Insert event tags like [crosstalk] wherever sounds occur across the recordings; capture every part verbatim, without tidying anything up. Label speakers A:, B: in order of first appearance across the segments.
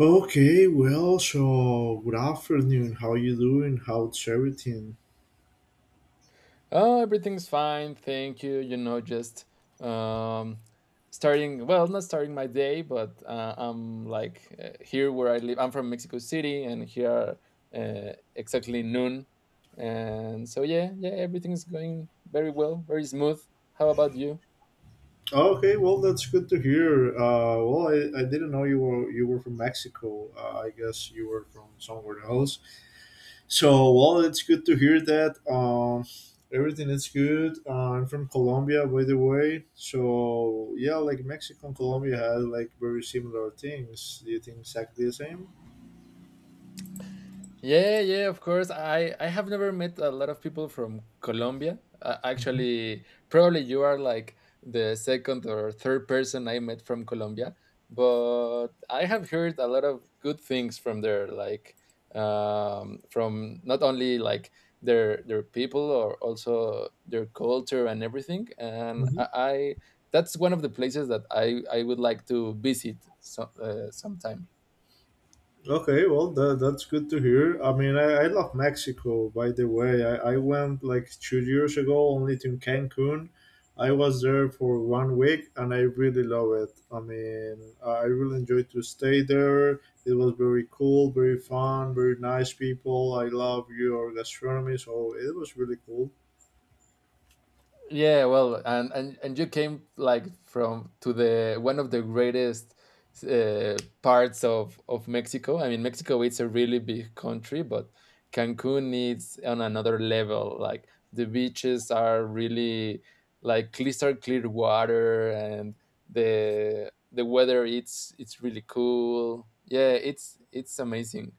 A: Okay, well, so good afternoon. How you doing? How's everything?
B: Oh, everything's fine, thank you. You know, just um, starting, well, not starting my day, but uh, I'm like uh, here where I live. I'm from Mexico City, and here uh, exactly noon. And so, yeah, yeah, everything's going very well, very smooth. How about you?
A: Okay, well, that's good to hear. Uh, well, I, I didn't know you were you were from Mexico. Uh, I guess you were from somewhere else. So, well, it's good to hear that. Um, everything is good. Uh, I'm from Colombia, by the way. So, yeah, like Mexico and Colombia had like very similar things. Do you think exactly the same?
B: Yeah, yeah, of course. I I have never met a lot of people from Colombia. Uh,
A: Hmm
B: actually, probably you are like the second or third person I met from Colombia, but I have heard a lot of good things from there, like um, from not only like their their people or also their culture and everything. And I, I that's one of the places that I I would like to visit so, uh, sometime.
A: Okay, well, that, that's good to hear. I mean, I, I love Mexico, by the way. I, I went like two years ago only to Cancun. I was there for one week and I really love it. I mean, I really enjoyed to stay there. It was very cool, very fun, very nice people. I love your gastronomy, so it was really cool.
B: Yeah, well, and and and you came like from to the one of the greatest uh, parts of of Mexico. I mean, Mexico it's a really big country, but Cancun is on another level. Like the beaches are really like crystal clear water, and the the weather it's it's really cool. Yeah, it's it's amazing.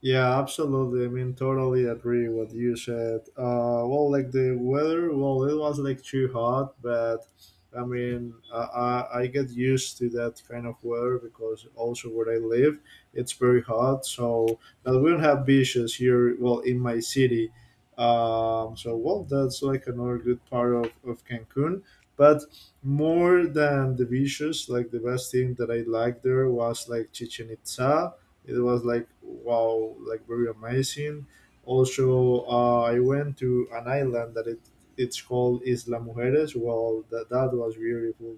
A: Yeah, absolutely. I mean, totally agree what you said. Uh, well, like the weather, well, it was like too hot, but I mean, I, I, I get used to that kind of weather because also where I live, it's very hot. So, but we don't have beaches here, well, in my city. Um, so, well, that's like another good part of, of Cancun. But more than the beaches, like the best thing that I liked there was like Chichen Itza. It was like wow, like very amazing. Also, uh, I went to an island that it it's called Isla Mujeres. Well, that, that was beautiful.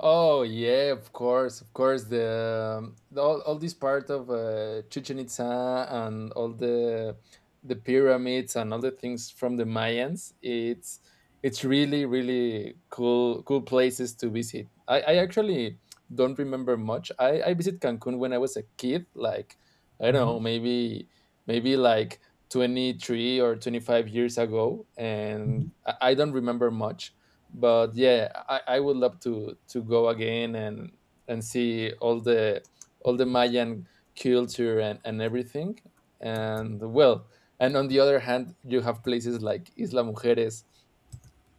B: Oh yeah, of course, of course. The, um, the- all, all this part of uh, Chichen Itza and all the the pyramids and all the things from the Mayans. It's it's really really cool cool places to visit. I, I actually don't remember much. I I visit Cancun when I was a kid, like I don't
A: Hmm
B: know, maybe maybe like. twenty-three or twenty-five years ago, and
A: Mhm.
B: i I don't remember much, but yeah, i i would love to to go again and and see all the all the Mayan culture and and everything. And well, and on the other hand, you have places like Isla Mujeres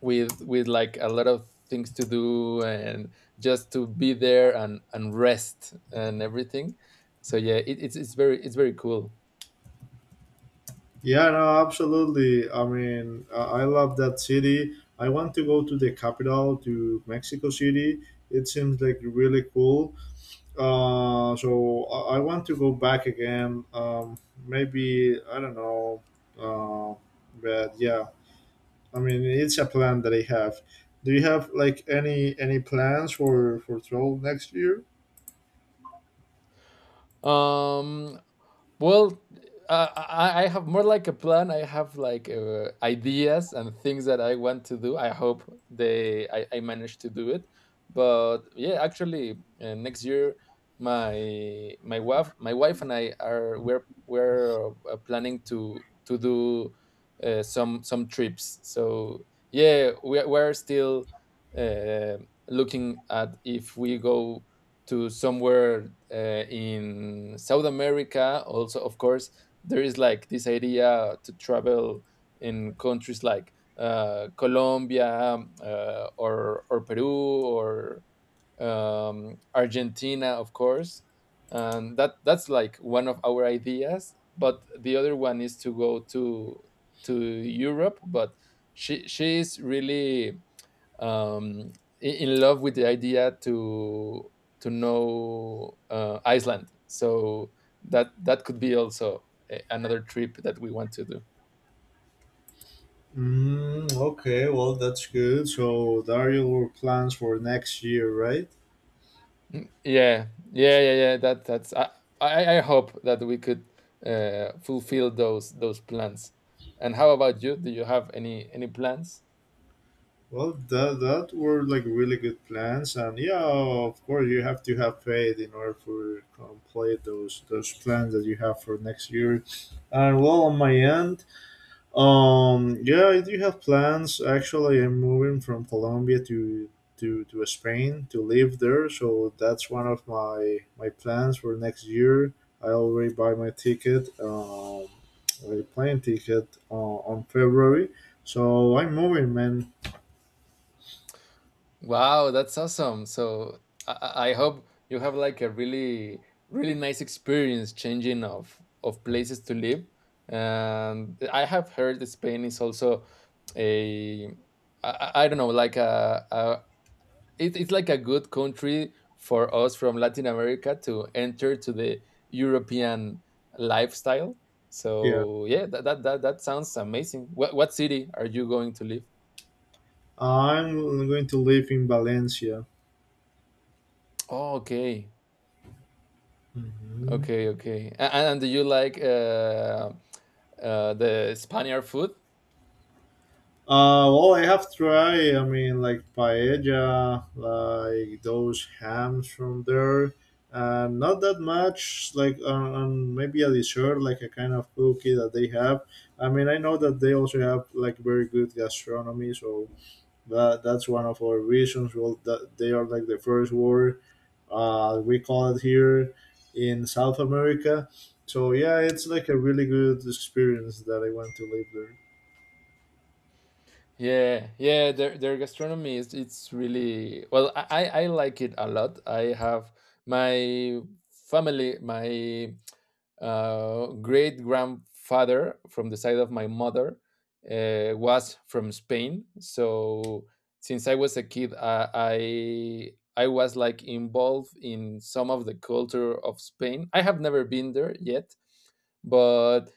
B: with with like a lot of things to do, and just to be there and and rest and everything. So yeah, it, it's it's very it's very cool.
A: Yeah, no, absolutely. I mean, uh, I love that city. I want to go to the capital, to Mexico City. It seems like really cool. Uh, so I, I want to go back again. Um, maybe I don't know uh, but yeah, I mean, it's a plan that I have. Do you have like any any plans for for travel next year?
B: um Well, uh, I, I have more like a plan. I have like uh, ideas and things that I want to do. I hope they I, I manage to do it. But yeah, actually, uh, next year, my my wife my wife and I are we're we're uh, planning to to do uh, some some trips. So yeah, we are- we're still uh, looking at if we go to somewhere uh, in South America. Also, of course, there is like this idea to travel in countries like uh, Colombia, um, uh, or or Peru or um, Argentina, of course. And that that's like one of our ideas. But the other one is to go to to Europe. But she she is really um, I- in love with the idea to to know uh, Iceland. So that that could be also a, another trip that we want to do.
A: Mm, okay, well that's good. So that are your plans for next year, right?
B: Mm, yeah, yeah, yeah, yeah. That that's. I I, I hope that we could uh, fulfill those those plans. And how about you? Do you have any any plans?
A: Well, that that were like really good plans, and yeah, of course you have to have faith in order for complete those those plans that you have for next year. And well, on my end, Um, yeah, I do have plans. Actually, I'm moving from Colombia to to to Spain to live there, so that's one of my my plans for next year. I already buy my ticket, um, my plane ticket uh, on February, so I'm moving, man.
B: Wow, that's awesome. So I, I I hope you have like a really, really nice experience changing of of places to live. And I have heard that Spain is also a I, I I don't know, like a, a it, it's like a good country for us from Latin America to enter to the European lifestyle.
A: Yeah,
B: So yeah, that that that, that sounds amazing. What what city are you going to live?
A: I'm going to live in Valencia.
B: Oh, okay.
A: Mhm.
B: Okay, okay. And, and do you like uh, uh, the Spaniard food?
A: Uh, well, I have tried. I mean, like paella, like those hams from there, and not that much. Like on, on maybe a dessert, like a kind of cookie that they have. I mean, I know that they also have like very good gastronomy, so that that's one of our reasons. Well, that they are like the first world. Uh, we call it here in South America. So yeah, it's like a really good experience that I want to live there.
B: Yeah, yeah, their their gastronomy is it's really well. I I I like it a lot. I have my family, my uh, great grandfather from the side of my mother uh, was from Spain. So since I was a kid, uh, I I was like involved in some of the culture of Spain. I have never been there yet, but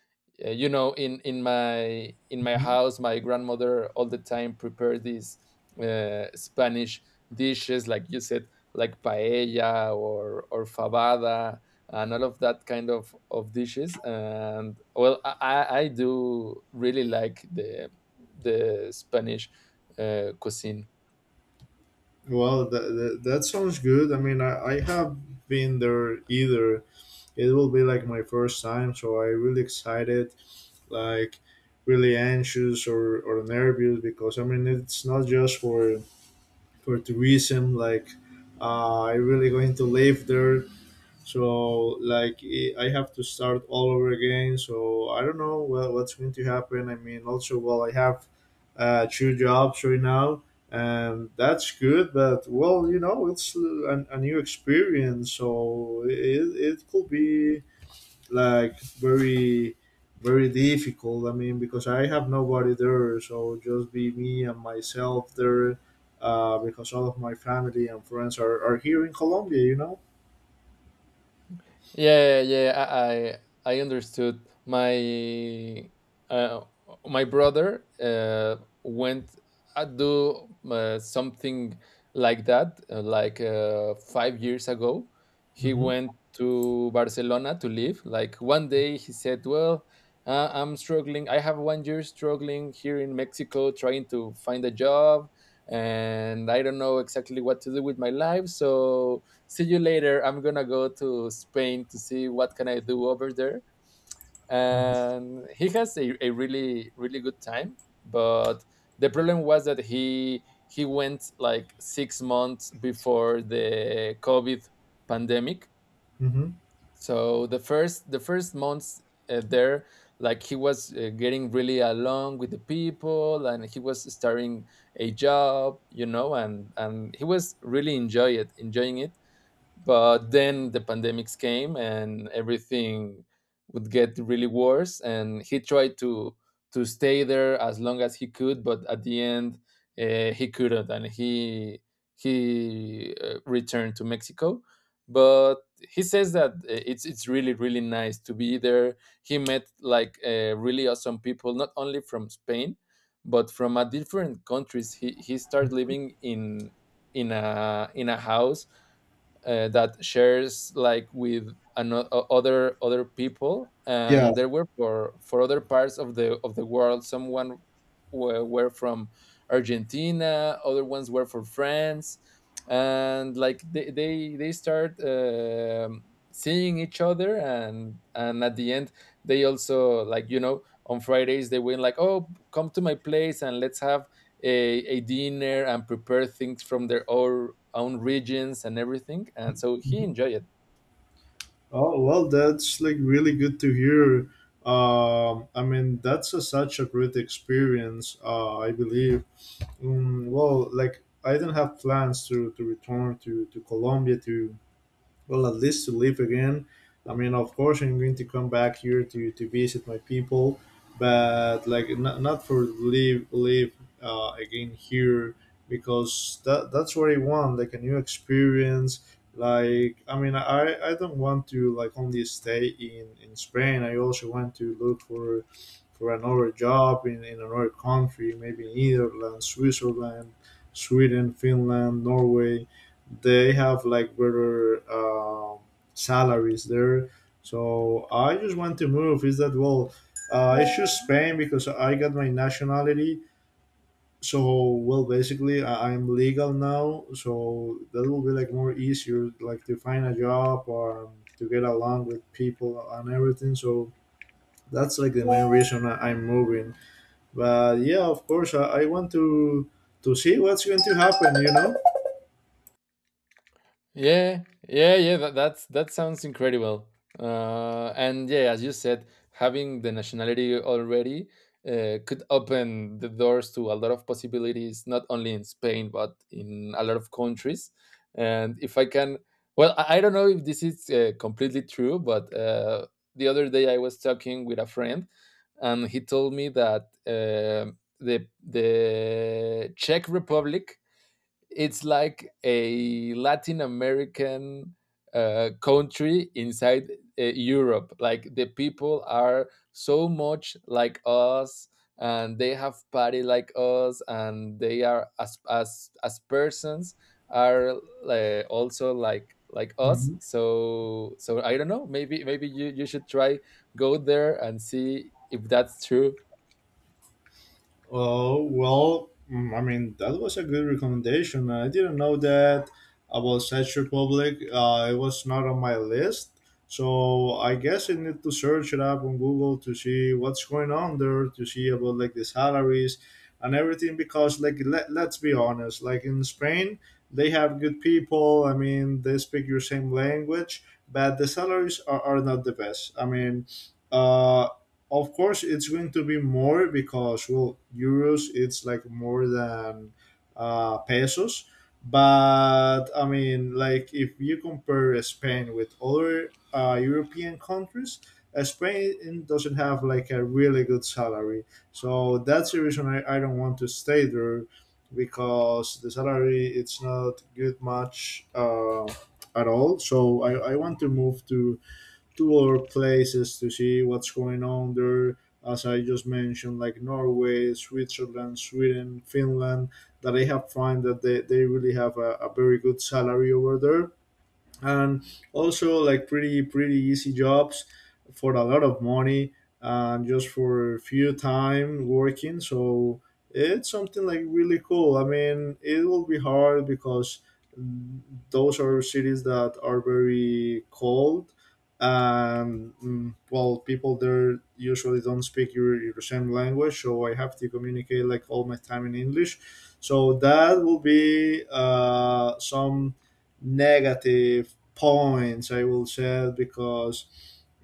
B: uh, you know, in in my in my
A: Mm-hmm.
B: house, my grandmother all the time prepared these uh, Spanish dishes like you said, like paella or or fabada and all of that kind of of dishes. And well, i i I do really like the the Spanish uh, cuisine.
A: Well, that, that, that sounds good. I mean, I, I have been there either. It will be like my first time, so I'm really excited, like really anxious or, or nervous because I mean, it's not just for for tourism. Like, uh, I really going to live there. So like eh, I have to start all over again. So I don't know well, what's going to happen. I mean, also well, I have uh, two jobs right now, and that's good. But well, you know, it's a, a new experience, so it, it could be like very very difficult. I mean, because I have nobody there, so just be me and myself there. Uh, because all of my family and friends are, are here in Colombia, you know.
B: Yeah, yeah, yeah, I I, I understood. My uh, my brother uh, went uh, do uh, something like that, uh, like uh, five years ago. He
A: Hmm
B: went to Barcelona to live. Like one day, he said, "Well, uh, I'm struggling. I have one year struggling here in Mexico, trying to find a job. And I don't know exactly what to do with my life, so see you later. I'm gonna go to Spain to see what can I do over there."
A: hmm
B: And he has a, a really really good time, but the problem was that he he went like six months before the COVID pandemic.
A: hmm
B: So the first the first months uh, there, like he was uh, getting really along with the people, and he was starting a job, you know, and and he was really enjoy it, enjoying it. But then the pandemics came and everything would get really worse, and he tried to to stay there as long as he could, but at the end, uh, he couldn't, and he he uh, returned to Mexico. But he says that uh, it's it's really really nice to be there. He met like uh, really awesome people, not only from Spain but from a different countries. He he started living in in a in a house uh, that shares like with ano- o- other other people,
A: Yeah.
B: and there were for for other parts of the of the world. Someone were, were from Argentina, other ones were from France. And like they they, they start um seeing each other, and and at the end, they also, like, you know, on Fridays, they went like, "Oh, come to my place, and let's have a, a dinner and prepare things from their own, own regions," and everything. And so he
A: Mhm.
B: enjoyed it.
A: Oh well, that's like really good to hear. Um, I mean, that's a, such a great experience. Uh, I believe. Um, well, like I don't have plans to, to return to to Colombia to well at least to live again. I mean, of course I'm going to come back here to, to visit my people, but like not, not for live live uh, again here, because that that's what I want, like a new experience. Like I mean i i don't want to like only stay in in Spain. I also want to look for for another job in, in another country, maybe Netherlands, Switzerland, Sweden, Finland, Norway. They have like better um salaries there. So I just want to move. Is that well? Uh, I choose Spain because I got my nationality. So well, basically I- I'm legal now. So that will be like more easier, like to find a job or um, to get along with people and everything. So that's like the main reason I- I'm moving. But yeah, of course I, I want to to see what's going to happen. You know.
B: Yeah, yeah, yeah. That that's, that sounds incredible. Uh, and yeah, as you said, having the nationality already uh, could open the doors to a lot of possibilities, not only in Spain but in a lot of countries. And if I can, well, I, I don't know if this is uh, completely true, but uh, the other day I was talking with a friend, and he told me that um the the Czech Republic it's like a Latin American uh, country inside uh, Europe. Like the people are so much like us, and they have party like us, and they are as as as persons are uh, also like like us.
A: Mhm.
B: So so I don't know. Maybe maybe you you should try go there and see if that's true.
A: Oh, well, mm, I mean, that was a good recommendation. I didn't know that about Czech Republic. Uh, it was not on my list. So I guess I need to search it up on Google to see what's going on there, to see about like the salaries and everything. Because like let, let's be honest, like in Spain, they have good people. I mean, they speak your same language, but the salaries are, are not the best. I mean, uh, of course it's going to be more because well euros it's like more than uh, pesos, but I mean like if you compare Spain with other uh, European countries, uh, Spain doesn't have like a really good salary. So that's the reason i, I don't want to stay there because the salary it's not good much uh, at all. So I, I want to move to to other places to see what's going on there. As I just mentioned, like Norway, Switzerland, Sweden, Finland, that I have found that they, they really have a, a very good salary over there, and also like pretty pretty easy jobs for a lot of money and just for a few time working. So it's something like really cool. I mean, it will be hard because mm, those are cities that are very cold, and mm, well people there usually don't speak your, your same language, so I have to communicate like all my time in English. So that will be uh, some negative points I will share because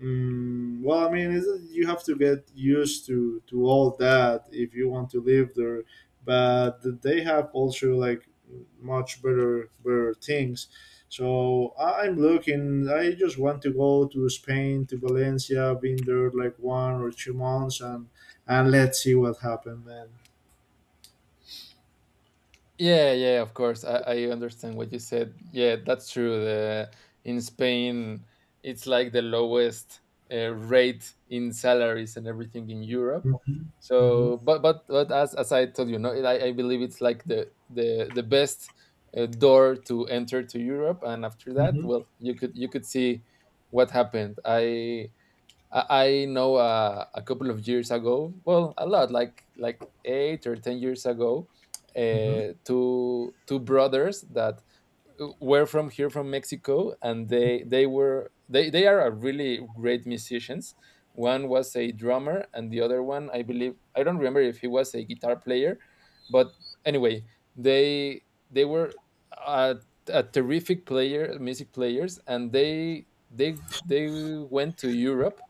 A: mm well I mean it's, you have to get used to to all that if you want to live there. But they have also like much better better things. So I- I'm looking. I just want to go to Spain, to Valencia, been there like one or two months and and let's see what happened, man.
B: Yeah, yeah, of course. I, I understand what you said. Yeah, that's true. The, in Spain, it's like the lowest uh, rate in salaries and everything in Europe.
A: Hmm hmm
B: So, but but but as, as I told you, no, it, I, I believe it's like the the the best uh, door to enter to Europe, and after that,
A: hmm
B: well, you could you could see what happened. I I, I know uh, a couple of years ago, well, a lot, like like eight or ten years ago,
A: hmm
B: uh, two two brothers that were from here from Mexico, and they they were they they are a really great musicians. One was a drummer, and the other one, I believe, I don't remember if he was a guitar player, but anyway, they they were a, a terrific player, music players, and they they they went to Europe.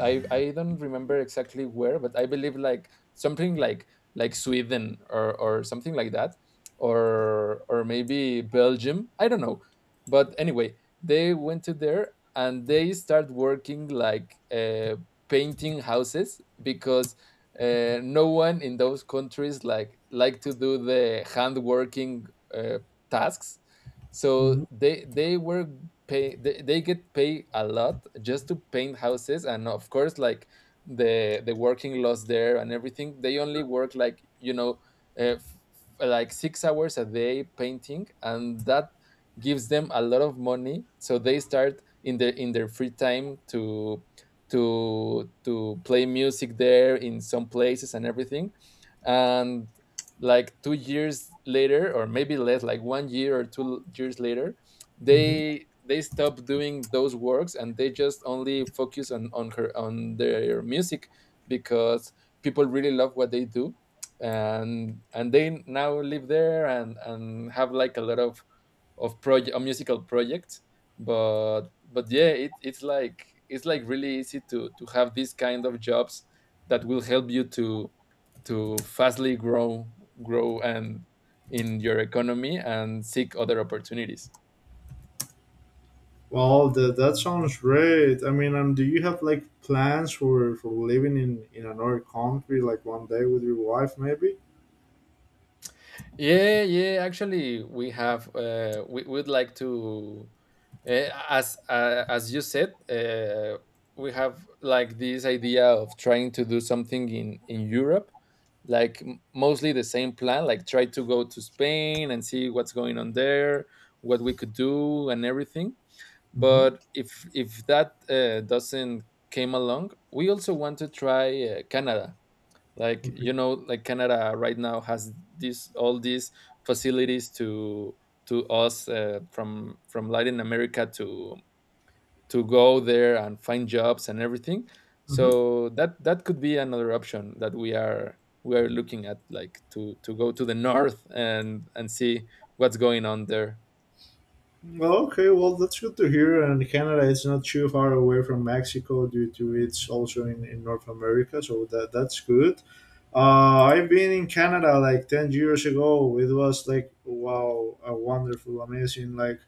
B: I I don't remember exactly where, but I believe like something like like Sweden or or something like that, or or maybe Belgium. I don't know, but anyway, they went to there, and they start working like uh, painting houses, because uh, no one in those countries like like to do the hand working uh, tasks. So
A: hmm
B: they they were pay they, they get paid a lot just to paint houses. And of course, like the the working laws there and everything, they only work like, you know, uh, f- like six hours a day painting, and that gives them a lot of money. So they start in their in their free time to to to play music there in some places and everything. And like two years later, or maybe less, like one year or two years later,
A: hmm
B: they they stop doing those works, and they just only focus on on her on their music, because people really love what they do. and and they now live there, and and have like a lot of of project musical projects. but but yeah, it, it's like it's like really easy to to have these kind of jobs that will help you to to fastly grow grow and in your economy and seek other opportunities.
A: Well, that that sounds great. I mean, um, do you have like plans for for living in in another country, like one day with your wife, maybe?
B: Yeah, yeah. Actually, we have. Uh, we would like to, uh, as uh, as you said, uh, we have like this idea of trying to do something in in Europe, like m- mostly the same plan. Like try to go to Spain and see what's going on there, what we could do, and everything.
A: Mm-hmm.
B: But if if that uh, doesn't came along, we also want to try uh, Canada, like
A: Okay.
B: you know, like Canada right now has this all these facilities to to us, uh, from from Latin America, to to go there and find jobs and everything.
A: Mm-hmm.
B: So that that could be another option that we are we are looking at, like to to go to the [laughs] north and and see what's going on there.
A: Well, okay. Well, that's good to hear. And Canada is not too far away from Mexico due to it's also in, in North America, so that that's good. Uh, I've been in Canada like ten years ago. It was like wow, a wonderful, amazing, like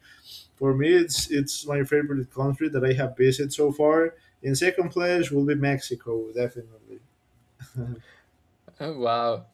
A: for me, it's it's my favorite country that I have visited so far. In second place will be Mexico, definitely.
B: [laughs] wow.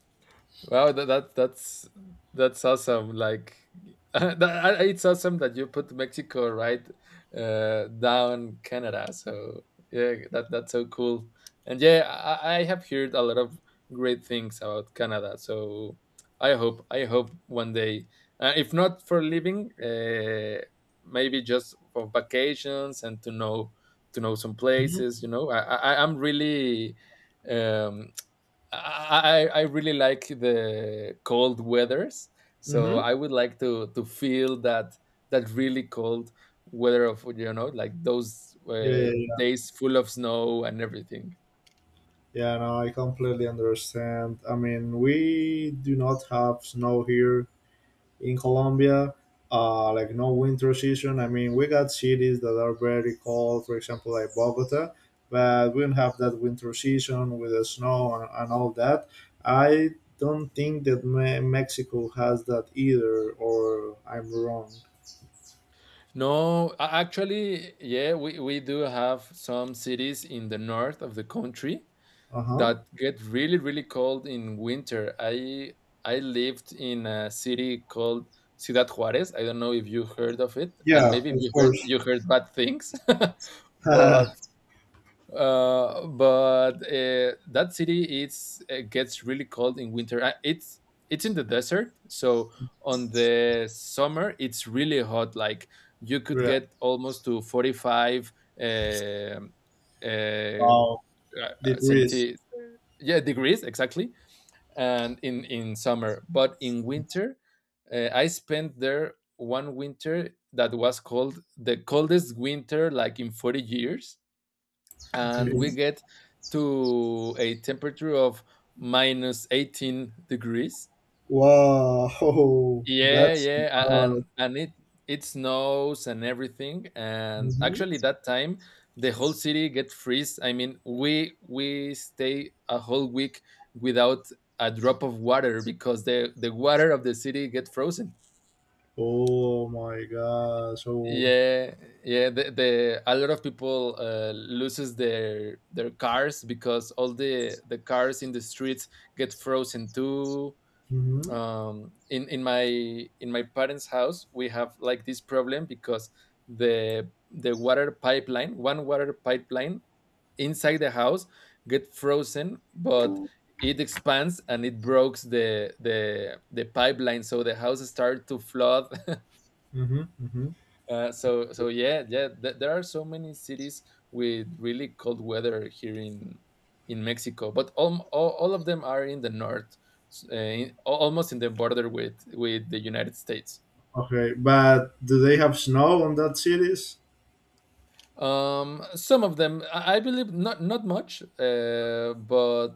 B: Wow, that, that that's that's awesome. Like [laughs] that, I- it's awesome that you put Mexico right uh, down Canada. So yeah, that that's so cool. And yeah, I, I have heard a lot of great things about Canada. So I hope I hope one day, uh, if not for living, uh, maybe just for vacations and to know to know some
A: Mhm.
B: places. You know, I, I I'm really um, I, I really like the cold weathers. So
A: Mm-hmm.
B: I would like to to feel that that really cold weather of, you know, like those
A: Yeah, yeah,
B: uh,
A: yeah.
B: days full of snow and everything.
A: Yeah, no, I completely understand. I mean, we do not have snow here, in Colombia, uh, like no winter season. I mean, we got cities that are very cold, for example, like Bogota, but we don't have that winter season with the snow and, and all that. I don't think that Me- Mexico has that either, or I'm wrong.
B: No, a- actually, yeah, we, we do have some cities in the north of the country
A: Uh huh.
B: that get really really cold in winter. I I lived in a city called Ciudad Juarez. I don't know if you heard of it, and
A: Yeah,
B: maybe if
A: of
B: you heard,
A: course.
B: you heard bad things, [laughs]
A: [laughs] Yeah.
B: but uh, but uh, that city it's it gets really cold in winter. Uh, It's it's in the desert, so on the summer it's really hot. Like you could get almost to forty five. um uh,
A: Wow.
B: uh,
A: Degrees.
B: centi- yeah, degrees exactly. And in in summer. But in winter, uh, I spent there one winter that was called the coldest winter, like in forty years, and
A: Okay.
B: we get to a temperature of minus eighteen degrees.
A: Wow. [laughs]
B: Yeah,
A: That's.
B: yeah, a-
A: Uh,
B: and and it it snows and everything. And actually,
A: mhm.
B: that time the whole city get freeze. I mean, we we stay a whole week without a drop of water because the the water of the city get frozen.
A: Oh my god. So.
B: Yeah, yeah. The, the A lot of people uh, loses their their cars because all the the cars in the streets get frozen too.
A: Mhm.
B: Um, in in my in my parents' house we have like this problem because the the water pipeline, one water pipeline inside the house get frozen, but it expands and it breaks the the the pipeline, so the house start to flood.
A: hmm hmm
B: uh, so so yeah, yeah th- there are so many cities with really cold weather here in in Mexico, but all, all, all of them are in the north, s- uh, in- al- almost in the border with with the United States.
A: Okay, but do they have snow on that cities?
B: Um, some of them, I, I believe, not not much, uh, but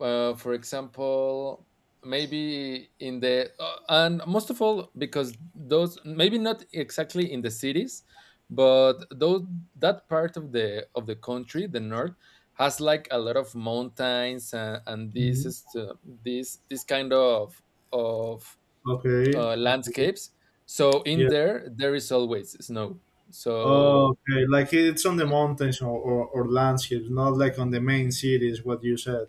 B: uh, for example, maybe in the uh, and most of all because those maybe not exactly in the cities, but those, that part of the of the country, the north, has like a lot of mountains, and, and this
A: Mhm.
B: is to, this this kind of of
A: Okay,
B: uh,
A: okay,
B: landscapes, so in
A: yeah.
B: there there is always snow. So
A: Okay, like it's on the mountains or, or, or landscapes, not like on the main cities, what you said.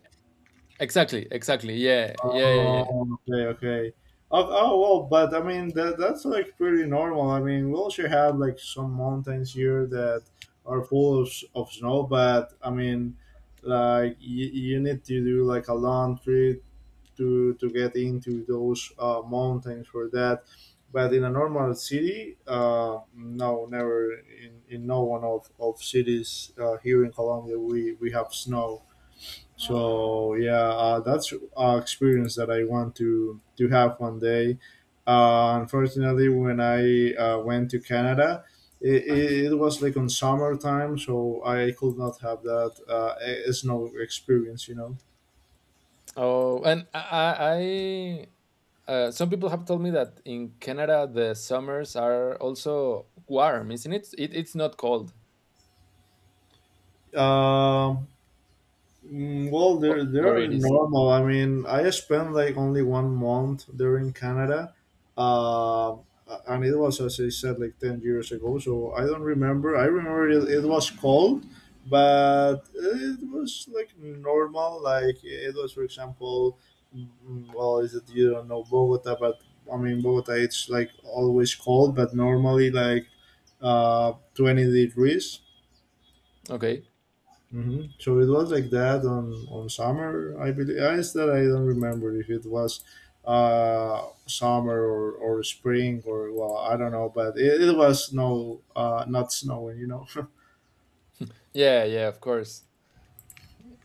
B: exactly exactly, yeah, yeah yeah yeah
A: Oh, okay, okay. Oh, oh well, but I mean that that's like pretty normal. I mean, we also have like some mountains here that are full of, s- of snow, but I mean, like you, you need to do like a long trip to to get into those uh, mountains for that. But in a normal city, uh, no, never in, in no one of, of cities uh, here in Colombia we, we have snow. So yeah, uh, that's an experience that I want to to have one day. Uh, unfortunately, when I uh, went to Canada, it, it, it was like on summertime, so I could not have that uh, eh, snow experience. You know.
B: Oh, and I, I Uh, some people have told me that in Canada the summers are also warm, isn't it? It it's not cold,
A: Um. Mm, well, they're
B: oh, or
A: they're
B: it is.
A: normal. I mean, I spent like only one month there in Canada, uh, and it was as I said like ten years ago. So I don't remember. I remember it, it was cold, but it was like normal. Like it was, for example, mm, well, is it you don't know Bogota, but I mean Bogota, it's like always cold, but normally like uh, twenty degrees.
B: Okay.
A: Hmm. So it was like that on on summer, I believe. I that I don't remember if it was uh summer or or spring or well, I don't know, but it, it was no uh not snowing, you know. [laughs]
B: Yeah, yeah, of course.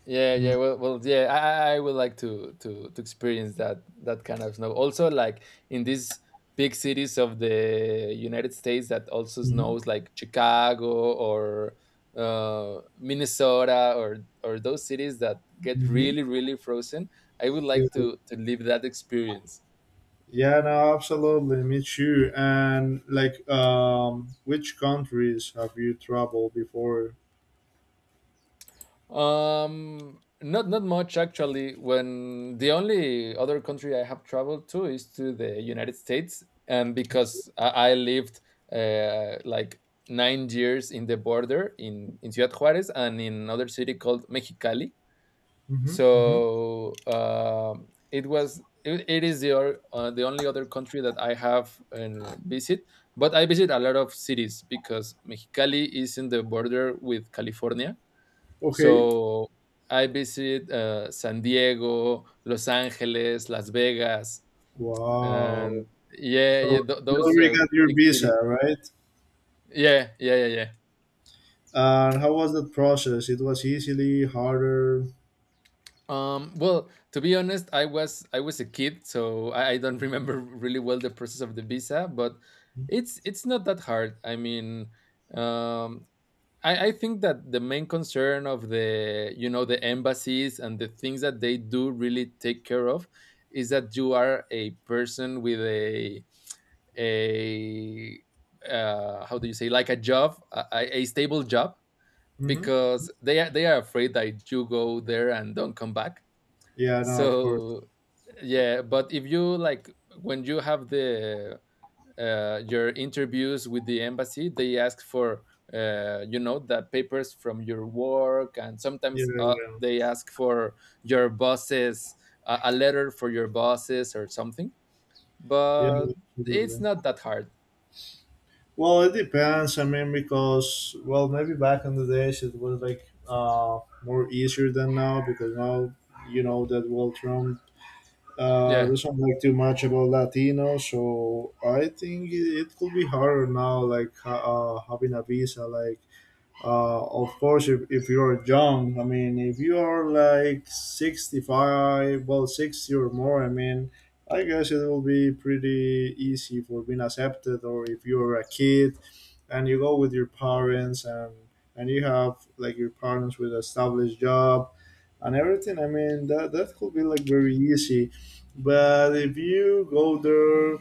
B: Yeah, yeah. Well, well, yeah. I, I I would like to to to experience that that kind of snow. Also, like in these big cities of the United States that also
A: Mm-hmm.
B: snows, like Chicago or uh, Minnesota or or those cities that get
A: Hmm.
B: really really frozen. I would like
A: Yeah.
B: to to live that experience.
A: Yeah, no, absolutely, me too. And like, um, which countries have you traveled before?
B: Um, not not much actually. When the only other country I have traveled to is to the United States, and because I, I lived uh, like nine years in the border in in Ciudad Juárez and in another city called Mexicali.
A: Mm-hmm. Mm-hmm.
B: So um, it was. It, it is the or- uh, the only other country that I have uh, visit, but I visit a lot of cities because Mexicali is in the border with California.
A: Okay.
B: So I visit uh, San Diego, Los Angeles, Las Vegas,
A: Wow.
B: and yeah, yeah,
A: So
B: th-
A: you
B: those
A: already
B: uh,
A: got your
B: big
A: visa,
B: cities.
A: right?
B: Yeah, yeah, yeah, yeah.
A: And how was that process? It was easily harder.
B: Um, well, to be honest, I was I was a kid, so I, I don't remember [laughs] really well the process of the visa, but it's it's not that hard. I mean, um, I, I think that the main concern of the, you know, the embassies and the things that they do really take care of is that you are a person with a a uh, how do you say, like a job, a, a a stable job,
A: Hmm.
B: because they are they are afraid that you go there and don't come back.
A: Yeah, no, of course.
B: So yeah, but if you like, when you have the uh, your interviews with the embassy, they ask for uh, you know, the papers from your work, and
A: Yeah,
B: sometimes uh,
A: yeah,
B: they ask for your bosses, a a letter for your bosses or something,
A: yeah,
B: but
A: yeah,
B: it's
A: absolutely.
B: not that hard.
A: Well, it depends. I mean, because, well, maybe back in the days it was like uh, more easier than now, because now you know that, well, Trump uh,
B: Yeah,
A: doesn't like too much about Latinos, so I think it, it could be harder now, like ha- uh, having a visa. Like uh, of course, if, if you're young. I mean, if you are like sixty-five, well, sixty or more, I mean, I guess it will be pretty easy for being accepted. Or if you're a kid and you go with your parents, and and you have like your parents with established job and everything, I mean, that that could be like very easy. But if you go there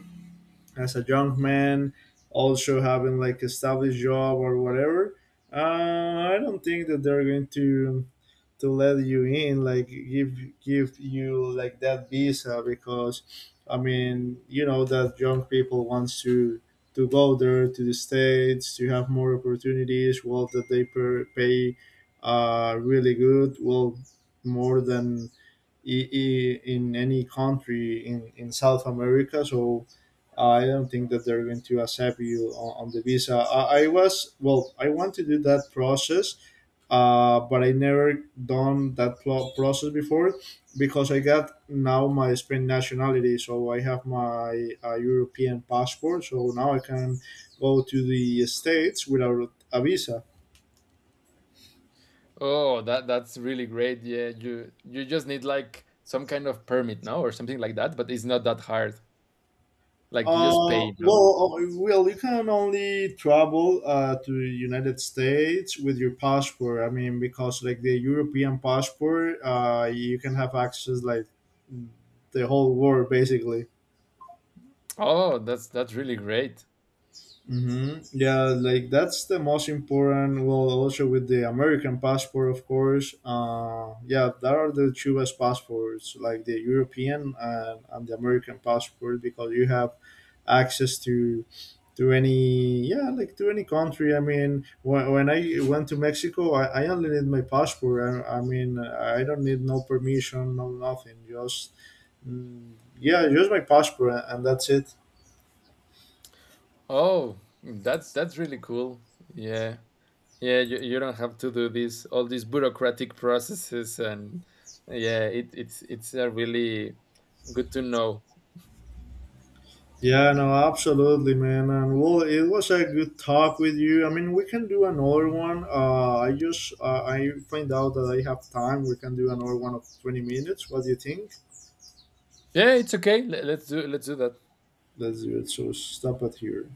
A: as a young man, also having like established job or whatever, uh, I don't think that they're going to to let you in, like give give you like that visa, because, I mean, you know that young people wants to to go there to the States to have more opportunities. Well, that they per- pay uh really good. Well, more than i- i- in any country in, in South America. So I don't think that they're going to accept you on, on the visa. I, I was, well, I want to do that process, uh, but I never done that pl- process before, because I got now my Spain nationality. So I have my uh, European passport. So now I can go to the States without a visa.
B: oh that that's really great. Yeah, you you just need like some kind of permit now or something like that, but it's not that hard. Like you just
A: Uh,
B: pay, no?
A: well, uh, well, you can only travel uh, to the United States with your passport. I mean, because like the European passport, uh, you can have access like the whole world basically.
B: Oh, that's that's really great.
A: Hmm. Yeah, like that's the most important. Well, also with the American passport, of course. Uh, yeah, that are the two best passports, like the European and, and the American passport, because you have access to to any, yeah, like to any country. I mean, when, when I went to Mexico, I, I only need my passport. I, I mean, I don't need no permission, no nothing, just mm, yeah, just my passport, and, and that's it.
B: Oh, that's that's really cool. Yeah. Yeah, you, you don't have to do this all these bureaucratic processes and yeah, it, it's it's a really good to know.
A: Yeah, no, absolutely, man. And well, it was a good talk with you. I mean, we can do another one. uh I just uh, I find out that I have time. We can do another one of twenty minutes. What do you think?
B: Yeah, it's okay. Le- Let's do let's do that.
A: Let's do it. So stop it here.